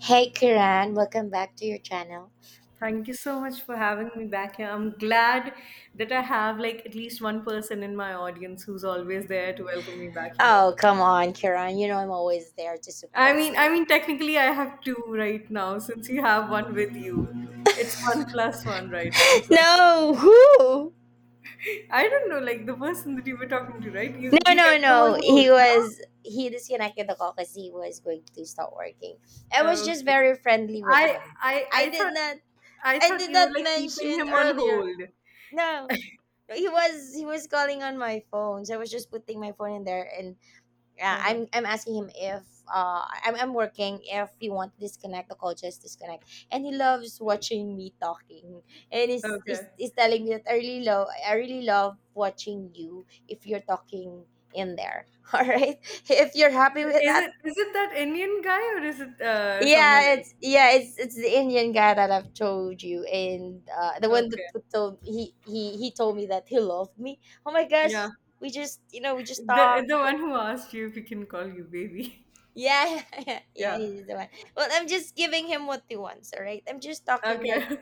Hey Kiran, welcome back to your channel. Thank you so much for having me back here. I'm glad that I have like at least one person in my audience who's always there to welcome me back, you know. Oh, come on, Kiran. You know I'm always there to I support mean, I you. mean technically I have two right now since you have one with you. It's one plus one right now. So No, who? I don't know, like the person that you were talking to, right? You No, you no, kept them on no. hold, He no? was he disconnected ako because he was going to stop working. I was Oh, just okay. very friendly with I him. I I I did thought not I I thought did you were not like keeping mention him on earlier. hold. No. He was calling on my phone. So I was just putting my phone in there, and yeah, Uh-huh. I'm asking him if, I'm working, if you want to disconnect the call, just disconnect. And he loves watching me talking, and he's, he's, Okay. he's telling me that I really love watching you if you're talking in there. All right, if you're happy with Is that. it is it that Indian guy or is it someone yeah else? it's yeah it's it's the Indian guy that I've told you, and the one that Okay. told he told me that he loved me. Oh my Yeah. gosh, we just The talked. the one who asked you if he can call you baby. Yeah, yeah, yeah, Yeah. he's the one. Well, I'm just giving him what he wants, all right? I'm just talking like Okay.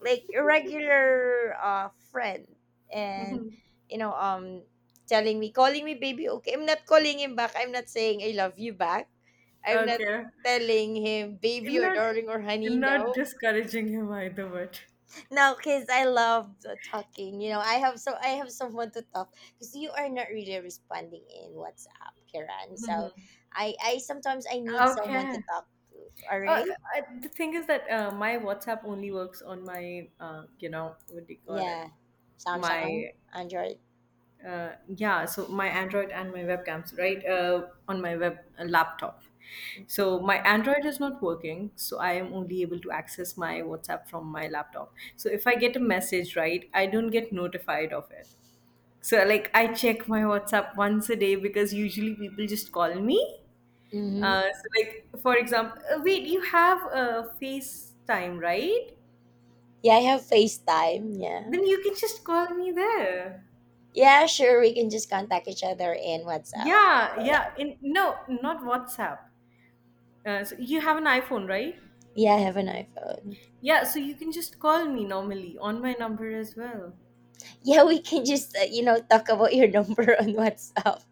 a regular friend, and you know, um telling me, calling me baby, okay. I'm not calling him back. I'm not saying I love you back. I'm not Okay. telling him baby or Not darling or honey, not no. discouraging him either, but No, because I love the talking. You know, I have so I have someone to talk, because you are not really responding in WhatsApp, Kiran. So, I sometimes I need someone to okay. talk to. All Uh, right, the thing is that my WhatsApp only works on my you know, what do you call it? yeah, Samsung, My Android. Yeah, so my Android and my webcams, right, on my web laptop. So my Android is not working, so I am only able to access my WhatsApp from my laptop. So if I get a message, right, I don't get notified of it. So like I check my WhatsApp once a day because usually people just call me. Mm-hmm. So like for example, wait, you have a FaceTime, right? Yeah, I have FaceTime. Yeah, Then you can just call me there. yeah, sure. We can just contact each other in WhatsApp. Yeah, For that. yeah. In no, not WhatsApp. So you have an iPhone, right? Yeah, I have an iPhone. Yeah, so you can just call me normally on my number as well. Yeah, we can just talk about your number on WhatsApp.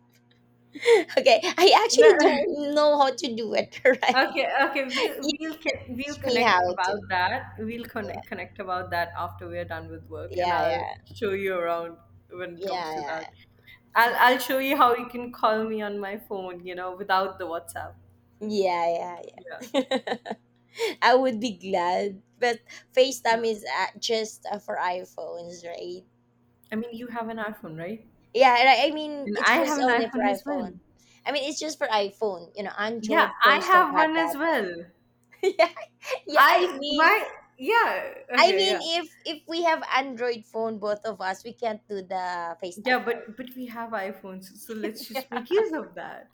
Okay, I No, actually don't know how to do it, right? okay, okay. We'll We connect have about to. that. We'll Yeah, connect about that after we're done with work, and yeah, I'll yeah, show you around when it comes to that. yeah, I'll show you how you can call me on my phone, you know, without the WhatsApp. yeah, yeah, Yeah, yeah. Yeah. I would be glad, but yeah. FaceTime is just for iPhones, right? I mean, you have an iPhone, right? Yeah, I mean And it's I just have an only for iPhone as well. iPhone. I mean it's just for iPhone. You know, Yeah, Android I phones don't have have one that. as well. Yeah, yeah. I I mean, my Yeah. Okay, yeah. if we have Android phone, both of us, we can't do the Yeah, FaceTime, right? but we have iPhones, so let's just Yeah. make use of that.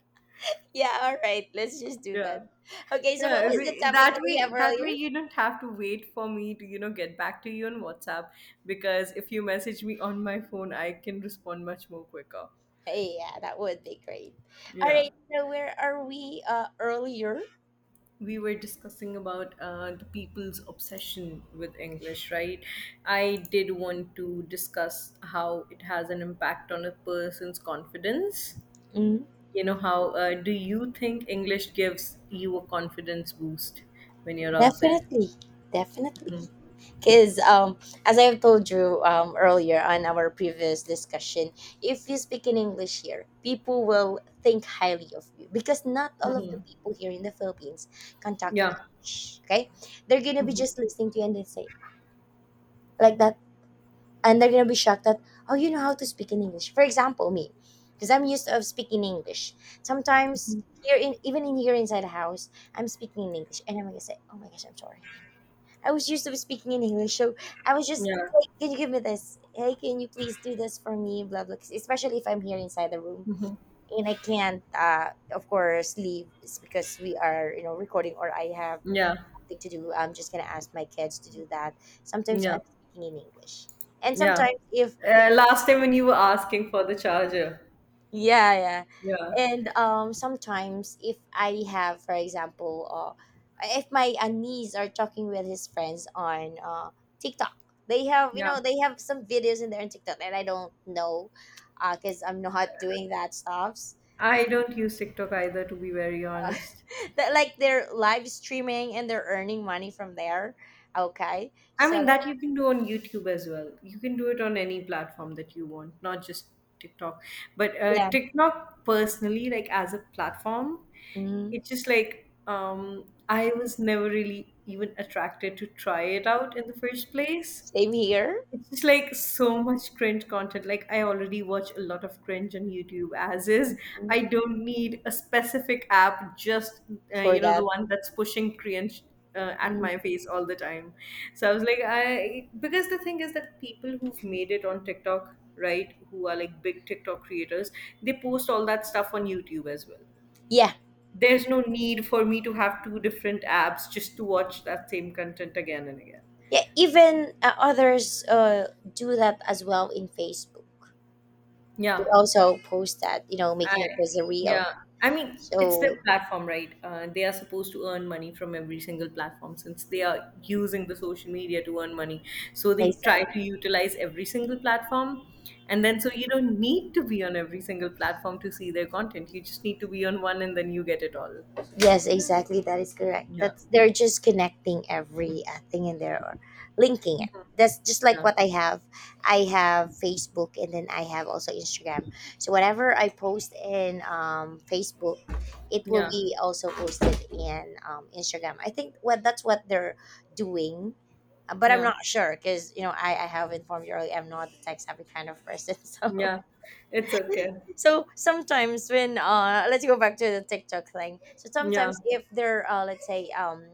Yeah. All right. Let's just do that. Yeah. Okay. So what Yeah, so was the topic that that we way have that earlier? way you don't have to wait for me to, you know, get back to you on WhatsApp because if you message me on my phone, I can respond much more quicker. Yeah, that would be great. All Yeah. right, so where are we earlier? We were discussing about the people's obsession with English, right? I did want to discuss how it has an impact on a person's confidence. Mm, You know, how do you think English gives you a confidence boost when you're out there? definitely, definitely. Mhm. Because as I've told you earlier on our previous discussion, if you speak in English here, people will think highly of you, because not all of the people here in the Philippines can talk in Yeah. English. Okay, they're gonna be just listening to you and they say like that. And they're gonna be shocked that, oh, you know how to speak in English. For example, me, because I'm used of speaking English sometimes. Here in even in here inside the house, I'm speaking in English, and I'm gonna say, oh my gosh, I'm sorry, I was used to speaking in English. So I was just, Yeah. hey, can you give me this, hey, can you please do this for me, blah blah. 'Cause especially if I'm here inside the room and I can't, of course, leave, it's because we are, recording, or I have Yeah. something to do. I'm just gonna ask my kids to do that. Sometimes Yeah. I'm speaking in English, and Yeah. sometimes if. Last time when you were asking for the charger. Yeah, yeah. Yeah. And sometimes if I have, for example, if my niece are talking with his friends on TikTok, they have, Yeah. They have some videos in there on TikTok that I don't know, because I'm not doing that stuffs. I don't use TikTok either, to be very Uh, honest. that, like, they're live streaming and they're earning money from there. Okay, I so mean, that you can do on YouTube as well. You can do it on any platform that you want, not just TikTok. But yeah. TikTok, personally, like as a platform, mm it's just like I was never really even attracted to try it out in the first place. Same here. It's just like so much cringe content. Like I already watch a lot of cringe on YouTube as is. mm, I don't need a specific app, just for you know, the that. one that's pushing cringe at my Mm. face all the time. So I was like, I because the thing is that people who've made it on TikTok, right, who are like big TikTok creators, they post all that stuff on YouTube as well. Yeah. There's no need for me to have two different apps just to watch that same content again and again. Yeah, even others do that as well in Facebook. They Yeah. also post that, I making it as a reel. Yeah. I mean, it's their So platform, right? They are supposed to earn money from every single platform since they are using the social media to earn money. So they try exactly, to utilize every single platform. And then, so you don't need to be on every single platform to see their content. You just need to be on one and then you get it all. yes, exactly, that is correct. Yeah. That's they're just connecting every thing in there, or linking it. That's just like Yeah. what I have. I have Facebook, and then I have also Instagram. So whatever I post in Facebook, it will Yeah. be also posted in Instagram. I think what that's what they're doing. But I'm Yeah. not sure, because you know I have informed you earlier I'm not the tech savvy kind of person. so Yeah. It's okay. so sometimes when, let's go back to the TikTok thing. So Yeah. sometimes if they're, let's say,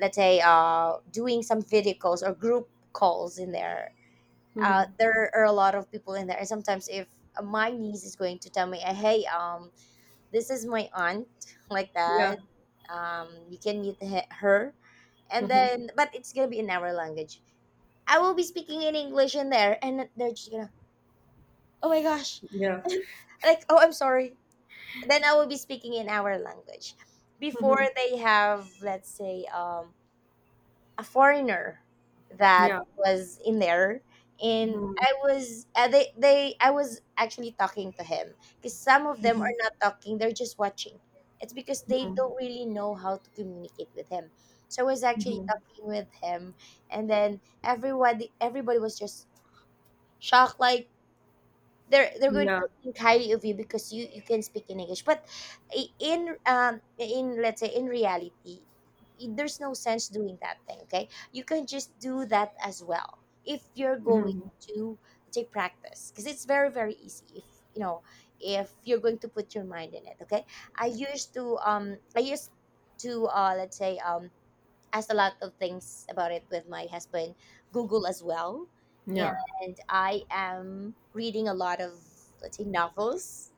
doing some video calls or group calls in there, Mm-hmm. There are a lot of people in there, and sometimes if my niece is going to tell me, hey, this is my aunt, like Yeah. that, you can meet her, and Mm-hmm. then, but it's gonna be in our language. I will be speaking in English in there, and they're just gonna, oh my gosh, Yeah. like, oh, I'm sorry. Then I will be speaking in our language. Before Mm-hmm. they have, let's say, a foreigner that Yeah. was in there, and Mm-hmm. I was actually talking to him, because some of them Mm-hmm. are not talking; they're just watching. It's because they Mm-hmm. don't really know how to communicate with him. So I was actually Mm-hmm. talking with him, and then everybody was just shocked, like they're going Yeah. to think highly of you because you can speak in English. But in, let's say, in reality, there's no sense doing that thing, okay. You can just do that as well, if you're going Mhm. to take practice, because it's very very easy if you know, if you're going to put your mind in it, okay. I used to, let's say, asked a lot of things about it with my husband, Google as well. Yeah. And I am reading a lot of, let's say, novels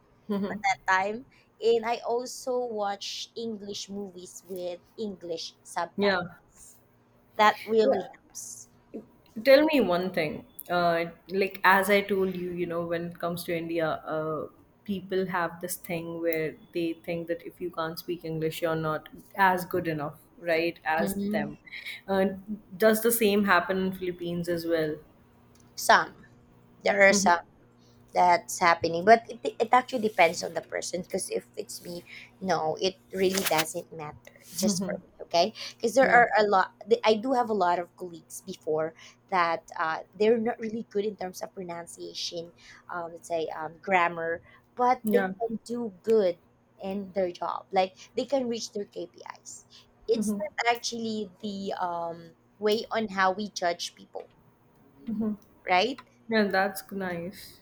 at Mhm. that time. And I also watch English movies with English Yeah. subtitles. That Yeah. really helps. Tell me one thing. Like as I told you, you know, when it comes to India, people have this thing where they think that if you can't speak English, you're not as good enough, right, as Mhm. them. Uh, does the same happen in Philippines as well? Some. There are Mhm. some. That's happening, but it actually depends on the person, because if it's me, no, it really doesn't matter. It's just for me, okay, because there Yeah. are a lot th- I do have a lot of colleagues before that, they're not really good in terms of pronunciation, let's say, grammar, but they Yeah. can do good in their job, like they can reach their KPIs. It's not actually the way on how we judge people, right? Yeah, that's nice.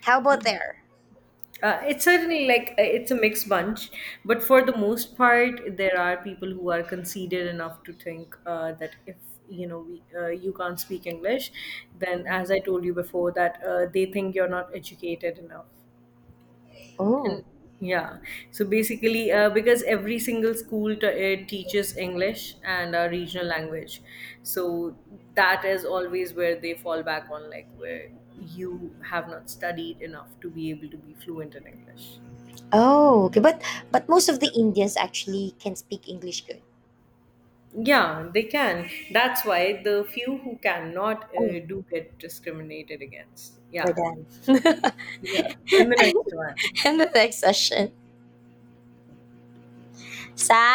How about there? It's certainly like it's a mixed bunch, but for the most part, there are people who are conceited enough to think that if you know you can't speak English, then as I told you before, that they think you're not educated enough. Oh. And yeah, so basically, because every single school teaches English and a regional language, so that is always where they fall back on, like where you have not studied enough to be able to be fluent in English. Oh, okay. but most of the Yeah, Indians actually can speak English good. yeah, they can. That's why the few who cannot Oh, do get discriminated against. we're Yeah. done. Yeah. In the next one. And the next session. Sa